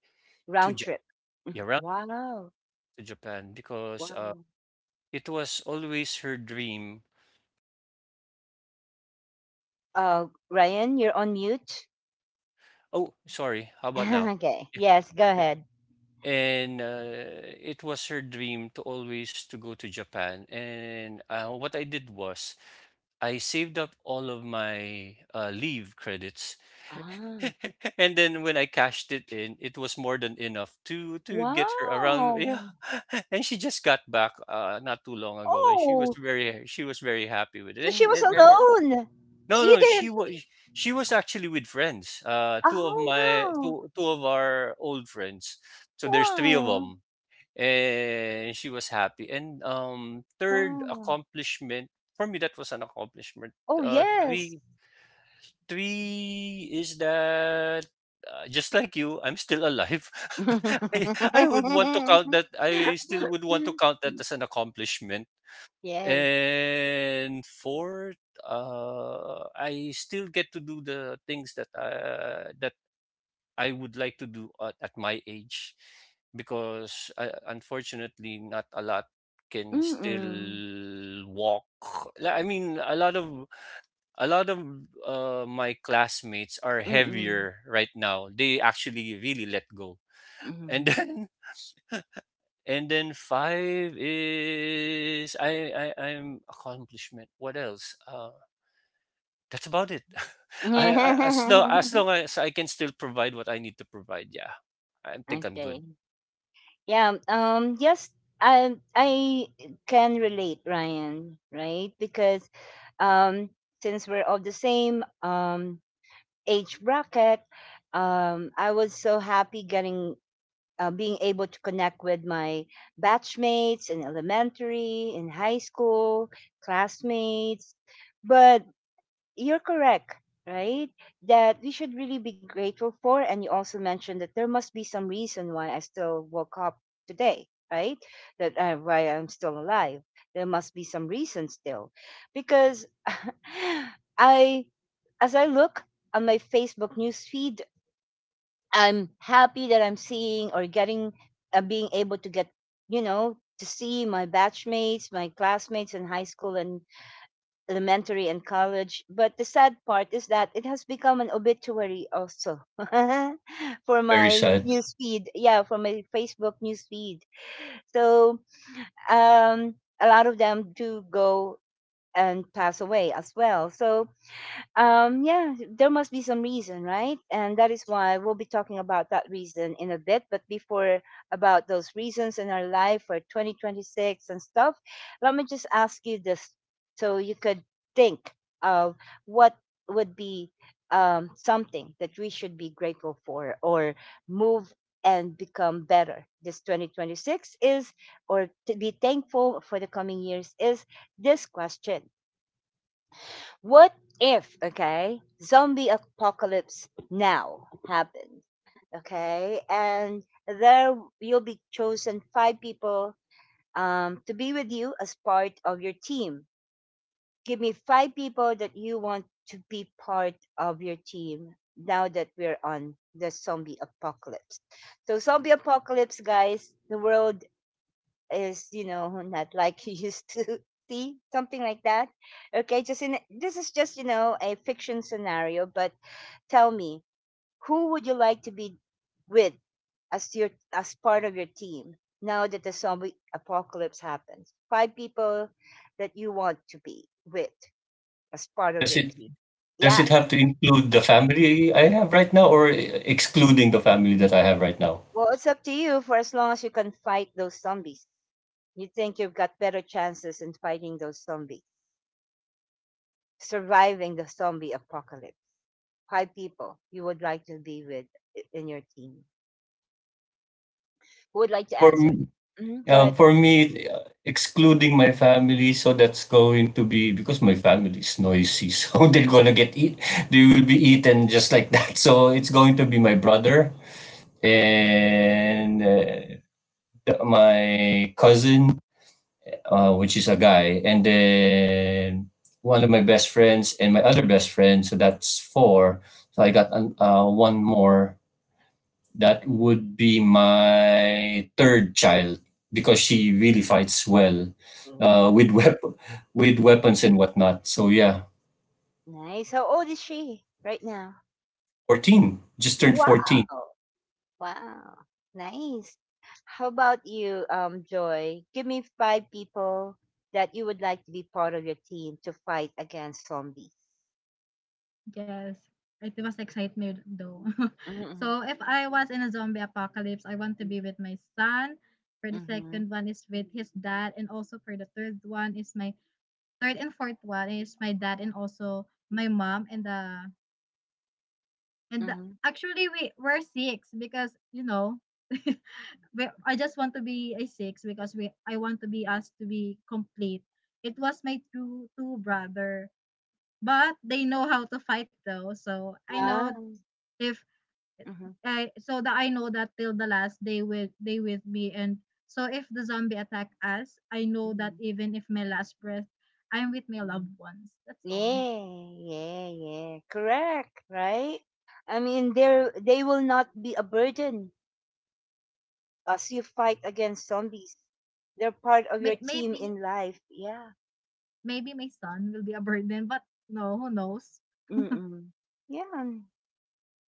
S2: to
S1: Round trip.
S2: Japan, around
S1: Wow.
S2: to Japan, because
S1: Wow.
S2: it was always her dream.
S1: Ryan, you're on mute.
S2: Oh, sorry. How
S1: [laughs]
S2: about now?
S1: Okay, yes, go ahead.
S2: And it was her dream to always to go to Japan. And what I did was, I saved up all of my leave credits, [laughs]
S1: Ah,
S2: and then when I cashed it in, it was more than enough to get her around. Yeah,
S1: wow.
S2: [laughs] and she just got back not too long ago, and she was
S1: Oh.
S2: very she was very happy with it.
S1: So she was
S2: And every,
S1: alone.
S2: no,
S1: You
S2: no, she
S1: didn't.
S2: was, she was actually with friends. Two of
S1: Oh,
S2: my
S1: wow.
S2: two two of our old friends. So there's three of
S1: Wow.
S2: them, and she was happy. And third
S1: Wow.
S2: accomplishment for me, that was an accomplishment.
S1: Oh,
S2: Uh,
S1: yes.
S2: three three is that. Just like you, I'm still alive. [laughs] I, I would want to count
S1: [laughs]
S2: that. I still would want to count that as an accomplishment.
S1: Yes.
S2: And fourth, I still get to do the things that that I would like to do at my age, because unfortunately, not a lot can
S1: Mm-mm.
S2: still walk. Li- I mean, a lot of my classmates are
S1: Mm-mm.
S2: heavier right now. They actually really let go, and
S1: Mhm.
S2: then, [laughs] and then five is I'm accomplishment. What else? That's about it. [laughs] I As long
S1: [laughs]
S2: as I can still provide what I need to provide, yeah, I think I'm good.
S1: Okay. Yeah, yes, I can relate, Ryan, right? Because um since we're all the same age bracket. I was so happy getting, being able to connect with my batchmates in elementary, in high school, classmates. But you're correct, right, that we should really be grateful for. And you also mentioned that there must be some reason why I still woke up today, right? That, why I'm still alive, there must be some reason still, because [laughs] I, as I look on my Facebook newsfeed, I'm happy that I'm seeing, or getting, being able to get, to see my batchmates, my classmates in high school and elementary and college. But the sad part is that it has become an obituary also [laughs] for
S2: Very
S1: my
S2: sad.
S1: newsfeed. Yeah, for my Facebook newsfeed. So, um, a lot of them do go and pass away as well. So, yeah, there must be some reason, right? And that is why we'll be talking about that reason in a bit. But before, about those reasons in our life for 2026 and stuff, let me just ask you this, so you could think of what would be something that we should be grateful for, or move and become better this 2026, is, or to be thankful for the coming years, is this question: what if, okay, zombie apocalypse now happened, okay, and there you'll be chosen five people, to be with you as part of your team. Give me five people that you want to be part of your team now that we're on the zombie apocalypse. So, zombie apocalypse, guys, the world is, not like [laughs] you used to [laughs] see, something like that. Okay, just in, this is just, a fiction scenario, but tell me, who would you like to be with as part of your team, now that the zombie apocalypse happens? Five people that you want to be with as part of
S2: Does
S1: your
S2: it
S1: team.
S2: does it
S1: Yes.
S2: have to include the family I have right now, or eh, excluding the family that I have right now?
S1: Well, it's up to you, for as long as you can fight those zombies. You think you've got better chances in fighting those zombies, surviving the zombie apocalypse. Five people you would like to be with in your team. Who would like to
S2: For
S1: answer?
S2: m-
S1: Hmm, go
S2: uh,
S1: ahead.
S2: for me, excluding my family, so that's going to be because my family is noisy, [laughs] so they're gonna get eat. They will be eaten just like that. So it's going to be my brother and my cousin, which is a guy, and then one of my best friends and my other best friend. So that's four. So I got an, one more. That would be my third child because she really fights well
S1: Oh.
S2: with [laughs] with
S1: Mhm.
S2: weapons and whatnot. So yeah,
S1: Nice. How old is she right now?
S2: 14, just turned 14.
S1: Wow. Wow. Nice. How about you, Joy? Give me five people that you would like to be part of your team to fight against zombies.
S3: Yes, it was excitement though. [laughs]
S1: Mm-hmm.
S3: So if I was in a zombie apocalypse, I want to be with my son. For the
S1: Mm-hmm.
S3: second one is with his dad, and also for the third one is my third and fourth one is my dad, and also my mom. And the, and the,
S1: Mm-hmm.
S3: actually, we we're six, because you know, [laughs] we, I just want to be a six, because we, I want to be us to be complete. It was my two brother, but they know how to fight though. So I
S1: Ah.
S3: know if I so that I know that till the last they will they with me. And so if the zombie attack us, I know that
S1: Mm-hmm.
S3: even if my last breath, I'm with my loved ones. That's all.
S1: Yeah, yeah, yeah. Correct, right? I mean, they will not be a burden as you fight against zombies. They're part of your
S3: May,
S1: team
S3: maybe,
S1: in life. Yeah.
S3: maybe my son will be a burden, but no, who knows?
S1: Mm-mm. Yeah,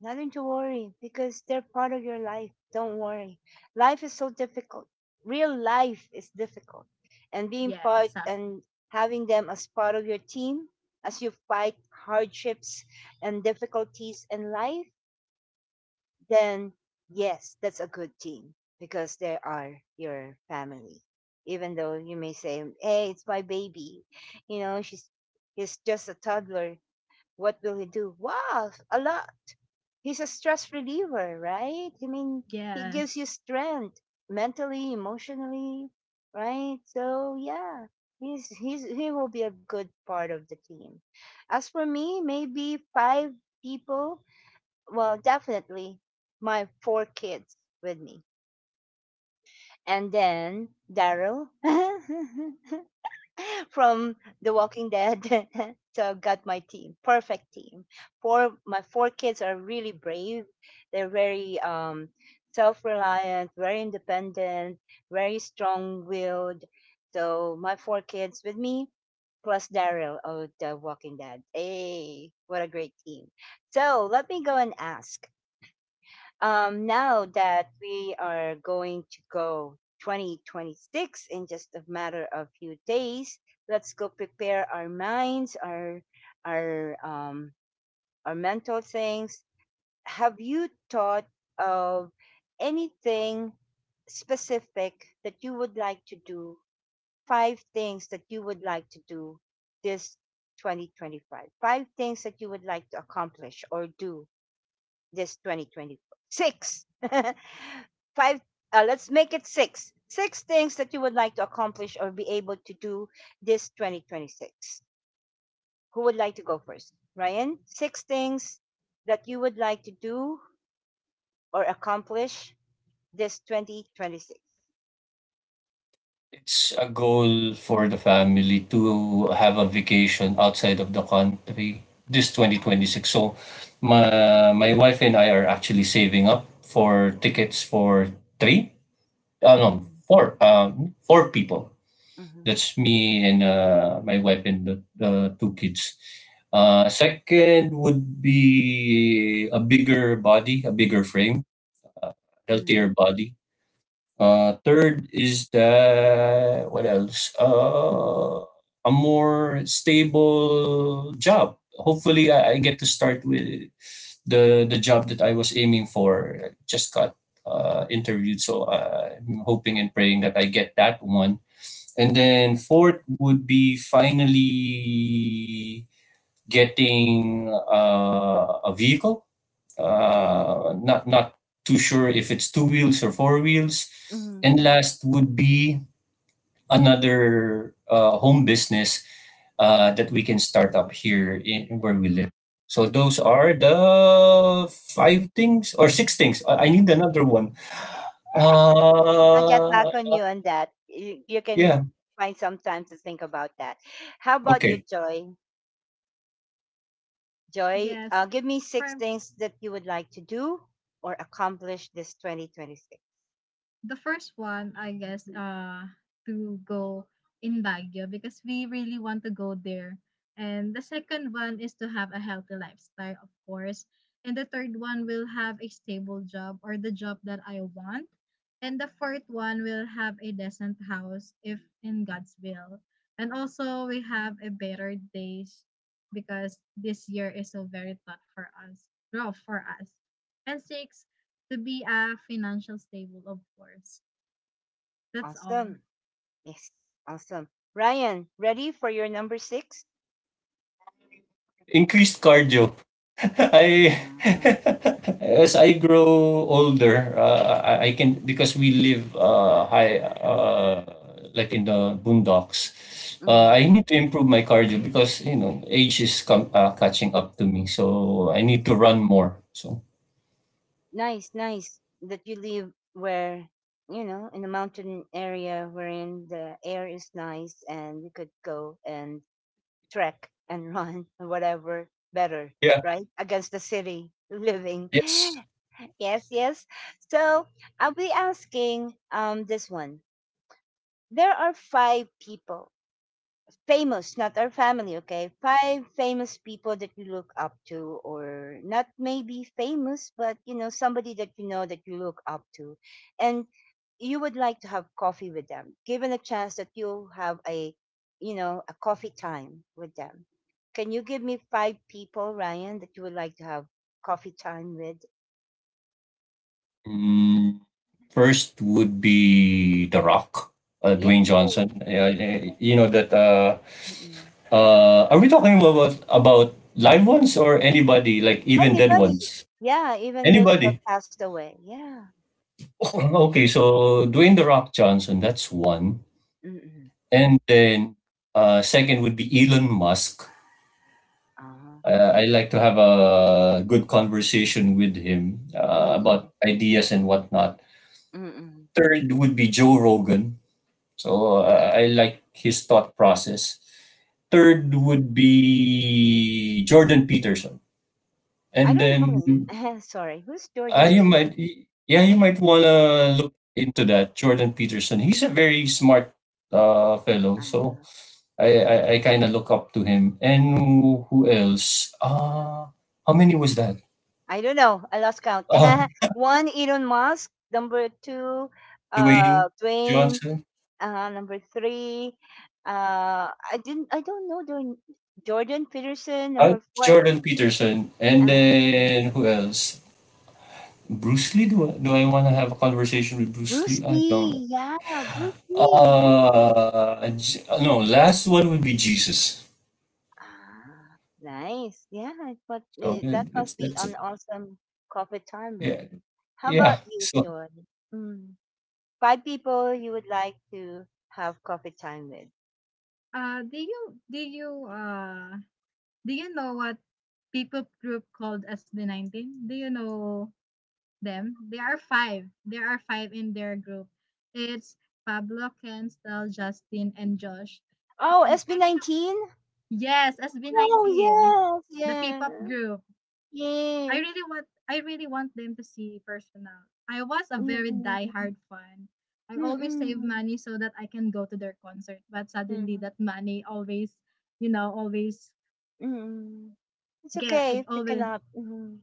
S1: nothing to worry, because they're part of your life. Don't worry. Life is so difficult. Real life is difficult. And being
S3: Yeah,
S1: part,
S3: exactly.
S1: and having them as part of your team as you fight hardships and difficulties in life, then yes, that's a good team, because they are your family. Even though you may say, "Hey, it's my baby," she's, he's just a toddler. What will he do? Wow, a lot. He's a stress reliever, right? I mean, he gives
S3: Yes.
S1: you strength mentally, emotionally, right? So yeah, he will be a good part of the team. As for me, maybe five people. Well, definitely my four kids with me. And then Daryl [laughs] from The Walking Dead. [laughs] So I've got my team, perfect team. Four, my four kids are really brave. They're very self reliant, very independent, very strong willed. So my four kids with me plus Daryl of The Walking Dead. Hey, what a great team. So let me go and ask. Now that we are going to go 2026 in just a matter of few days, let's go prepare our minds, our, our um, our mental things. Have you thought of anything specific that you would like to do? Five things that you would like to do this 2025. Five things that you would like to accomplish or do this 2026. [laughs] Five, let's make it six. Six things that you would like to accomplish or be able to do this 2026. Who would like to go first? Ryan, six things that you would like to do or accomplish this 2026.
S2: It's a goal for the family to have a vacation outside of the country this
S1: Ah,
S2: 2026. So
S1: okay.
S2: my wife and I are actually saving up for tickets for three, no, four, four people.
S1: Mhm,
S2: That's me and my wife and the two kids. Second would be a bigger body, a bigger frame, healthier
S1: mhm,
S2: body, third is the what else? A more stable job. Hopefully, I get to start with the job that I was aiming for. I just got interviewed, so I'm hoping and praying that I get that one. And then fourth would be finally getting a vehicle,
S1: mhm,
S2: not too sure if it's two wheels or four wheels. And
S1: mhm,
S2: last would be another home business that we can start up here in where we live. So those are the five things or six things. I need
S1: mhm.
S2: another one.
S1: [laughs] I'll get
S2: Uh,
S1: back on you on that. You can
S2: yeah.
S1: find some time to think about that. How about you,
S2: Okay.
S1: Joy? Joy,
S3: Yes.
S1: give me six
S3: For
S1: things that you would like to do or accomplish this 2026.
S3: the first one, I guess, to go in Baguio, because we really want to go there. And the second one is to have a healthy lifestyle, of course. And the third one will have a stable job or the job that I want. And the fourth one will have a decent house, if in God's will. And also we have a better days, because this year is so very tough for us, rough for us. And six, to be a financial stable, of course. That's all.
S1: Awesome. Yes. Awesome. Ryan, ready for your number six?
S2: Increased cardio. [laughs] I
S1: Mhm.
S2: [laughs] as I grow older, I can because we live high, like in the boondocks.
S1: Mm.
S2: I need to improve my cardio because you know age is catching up to me, so I need to run more. So
S1: Nice, nice that you live where, in a mountain area wherein the air is nice and you could go and trek and run [laughs] or whatever, better,
S2: yeah,
S1: right? Against the city living.
S2: yes.
S1: [laughs] Yes, yes. So I'll be asking this one. There are five people, famous, not our family, okay? Five famous people that you look up to, or not maybe famous, but somebody that you know that you look up to. And you would like to have coffee with them, given a chance that you have a coffee time with them. Can you give me five people, Ryan, that you would like to have coffee time with?
S2: Mm, first would be The Rock,
S1: Yeah.
S2: Dwayne Johnson. Yeah, eh, you know that.
S1: Mm-mm.
S2: Are we talking about live ones or anybody like even dead
S1: Anybody.
S2: ones?
S1: Yeah, even those who have
S2: Anybody?
S1: passed away. Yeah.
S2: [laughs] [clears throat] Okay, so Dwayne the Rock Johnson, that's one,
S1: Mm-mm.
S2: and then second would be Elon Musk.
S1: Uh-huh.
S2: I like to have a good conversation with him
S1: Mm-mm.
S2: about ideas and whatnot.
S1: Mm-mm.
S2: Third would be Joe Rogan. So I like his thought process.
S1: Mhm.
S2: Third would be Jordan Peterson.
S1: I
S2: And
S1: don't
S2: then
S1: know. [laughs] Sorry. Who's
S2: uh,
S1: Jordan
S2: you
S1: Peterson?
S2: might, yeah, you might wanna look into that. Jordan Peterson. He's a very smart fellow, so
S1: Uh,
S2: I kind of look up to him. And who else? Uh, how many was that?
S1: I don't know. I lost count.
S2: Uh,
S1: [laughs] One, Elon Musk. Number two,
S2: Dwayne
S1: Dwayne.
S2: Johnson,
S1: Number three, I didn't. I don't know. Jordan Peterson. Number four,
S2: Jordan Peterson, and
S1: uh,
S2: then who else? Bruce Lee. Do I want to have a conversation with Bruce
S1: Bruce
S2: Lee? I don't.
S1: Lee. Yeah, Bruce Lee. Yeah.
S2: J- no. Last one would be Jesus.
S1: Ah, nice. Yeah, but
S2: So
S1: that must be
S2: that's it.
S1: an awesome coffee time
S2: Yeah,
S1: with. How
S2: yeah.
S1: about you,
S2: So
S1: Jordan? Mm. Five people you would like to have coffee time with.
S3: Do you do you know what people group called as the 19? Do you know them? There are five. There are five in their group. It's Pablo, Kenstel, Justin, and Josh.
S1: Oh,
S3: And I don't know.
S1: SB19?
S3: Yes, SB19,
S1: Oh, yes,
S3: the P-pop
S1: yes,
S3: group.
S1: yes.
S3: I really want them to see personal. I was a very
S1: Mm-mm.
S3: diehard fan. I always save
S1: Mm-mm.
S3: money so that I can go to their concert. But suddenly
S1: Mm-mm.
S3: that money always, you know, always
S1: Mm-mm. It's
S3: get,
S1: okay
S3: I
S1: if you
S3: always,
S1: cannot. Mm-mm.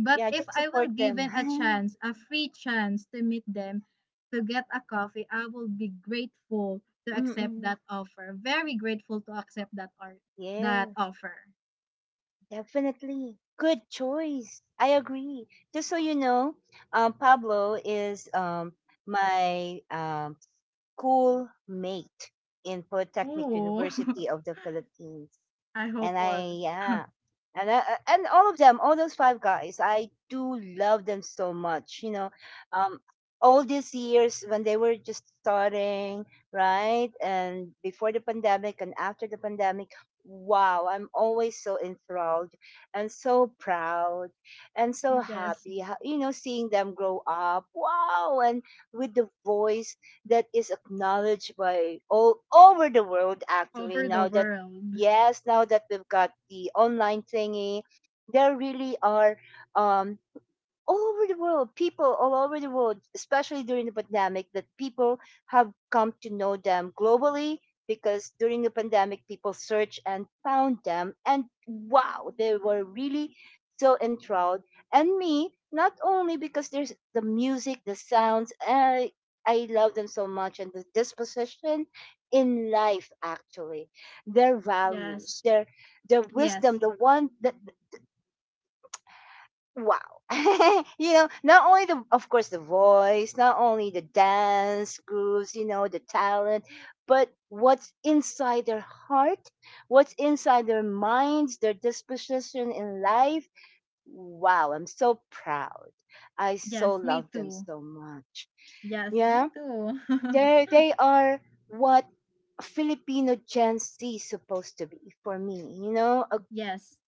S3: but
S1: Yeah,
S3: if
S1: just
S3: I will
S1: support them.
S3: given a
S1: [laughs]
S3: chance, a free chance to meet them, to get a coffee, I will be grateful to accept
S1: Mm-mm.
S3: that offer. Very grateful to accept that or that
S1: Yes,
S3: offer.
S1: definitely. Good choice. I agree. Just so you know, Pablo is my cool mate in Polytechnic
S3: Ooh. [laughs]
S1: University of the Philippines.
S3: I hope
S1: And
S3: all.
S1: I, yeah. And, I, and all of them, all those five guys, I do love them so much. Um, all these years when they were just starting, right? And before the pandemic and after the pandemic, wow, I'm always so enthralled and so proud and so
S3: Yes.
S1: happy, you know, seeing them grow up. Wow. And with the voice that is acknowledged by all over the world actually
S3: Over the
S1: now that,
S3: world.
S1: yes, now that we've got the online thingy, there really are, um all over the world, people all over the world, especially during the pandemic, that people have come to know them globally because during the pandemic, people searched and found them. And wow, they were really so enthralled. And me, not only because there's the music, the sounds, I love them so much, and the disposition in life, actually, their values,
S3: Yes,
S1: their wisdom,
S3: yes,
S1: the one that, wow, [laughs] you know, not only the, of course, the voice, not only the dance grooves, you know, the talent, but what's inside their heart, what's inside their minds, their disposition in life. Wow, I'm so proud. I so
S3: yes, me
S1: love them
S3: too.
S1: so much.
S3: Yes, me
S1: Yeah,
S3: too.
S1: they
S3: [laughs]
S1: they are what Filipino Gen Z is supposed to be for me, you know. A
S3: Yes,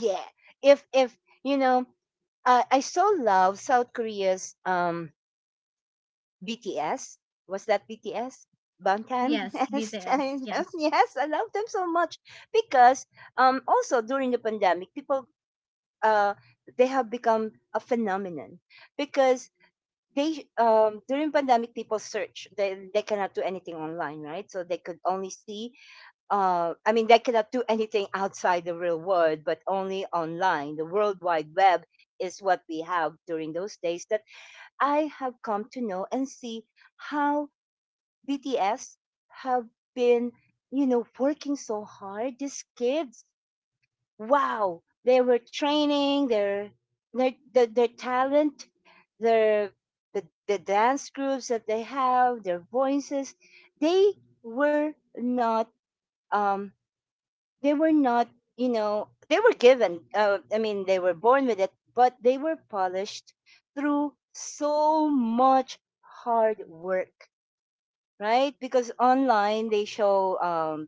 S1: yeah If you know, I so love South Korea's BTS. Was that BTS, Bangtan? [laughs]
S3: yes, BTS. Yes.
S1: Yes, I love them so much because, also during the pandemic, people, uh, they have become a phenomenon because they, during pandemic people search, they cannot do anything online, right? So they could only see, I mean, they cannot do anything outside the real world, but only online. The World Wide Web is what we have during those days, that I have come to know and see how BTS have been, you know, working so hard. These kids, wow, they were training their talent, their the, the dance groups that they have, their voices. They were not, um they were not, you know, they were given, I mean, they were born with it, but they were polished through so much hard work, right? Because online they show,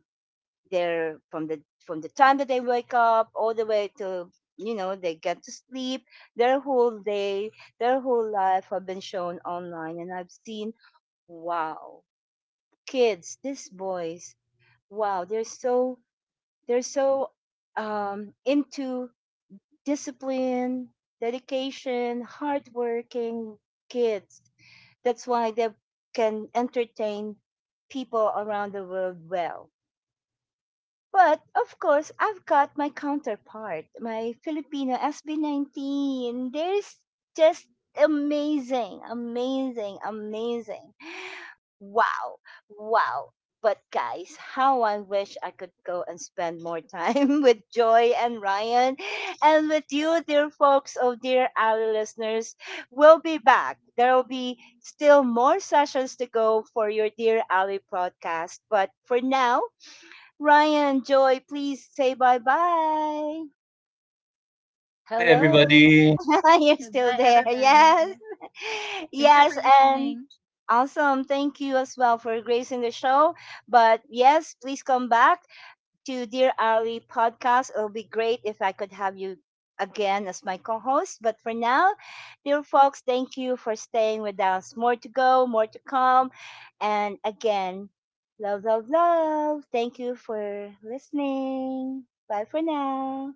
S1: their, from the time that they wake up all the way to, you know, they get to sleep, their whole day, their whole life have been shown online, and I've seen, wow, kids, these boys, wow, they're so into discipline, dedication, hardworking kids. That's why they can entertain people around the world well. But of course, I've got my counterpart, my Filipino SB19. They There's just amazing, amazing, amazing. Wow. Wow. But guys, how I wish I could go and spend more time [laughs] with Joy and Ryan and with you, dear folks. Oh, dear our listeners. We'll be back. There will be still more sessions to go for your Dear Ali podcast. But for now, Ryan, Joy, please say bye bye.
S2: hi,
S1: Hello.
S2: everybody.
S1: [laughs] You're still
S3: Goodbye,
S1: there.
S3: everybody.
S1: Yes. [laughs]
S3: Thank you
S1: Yes.
S3: for
S1: And
S3: listening.
S1: awesome. Thank you as well for gracing the show. But yes, please come back to Dear Ali podcast. It'll be great if I could have you again as my co host. But for now, dear folks, thank you for staying with us. More to go, more to come. And again, love, love, love. Thank you for listening. Bye for now.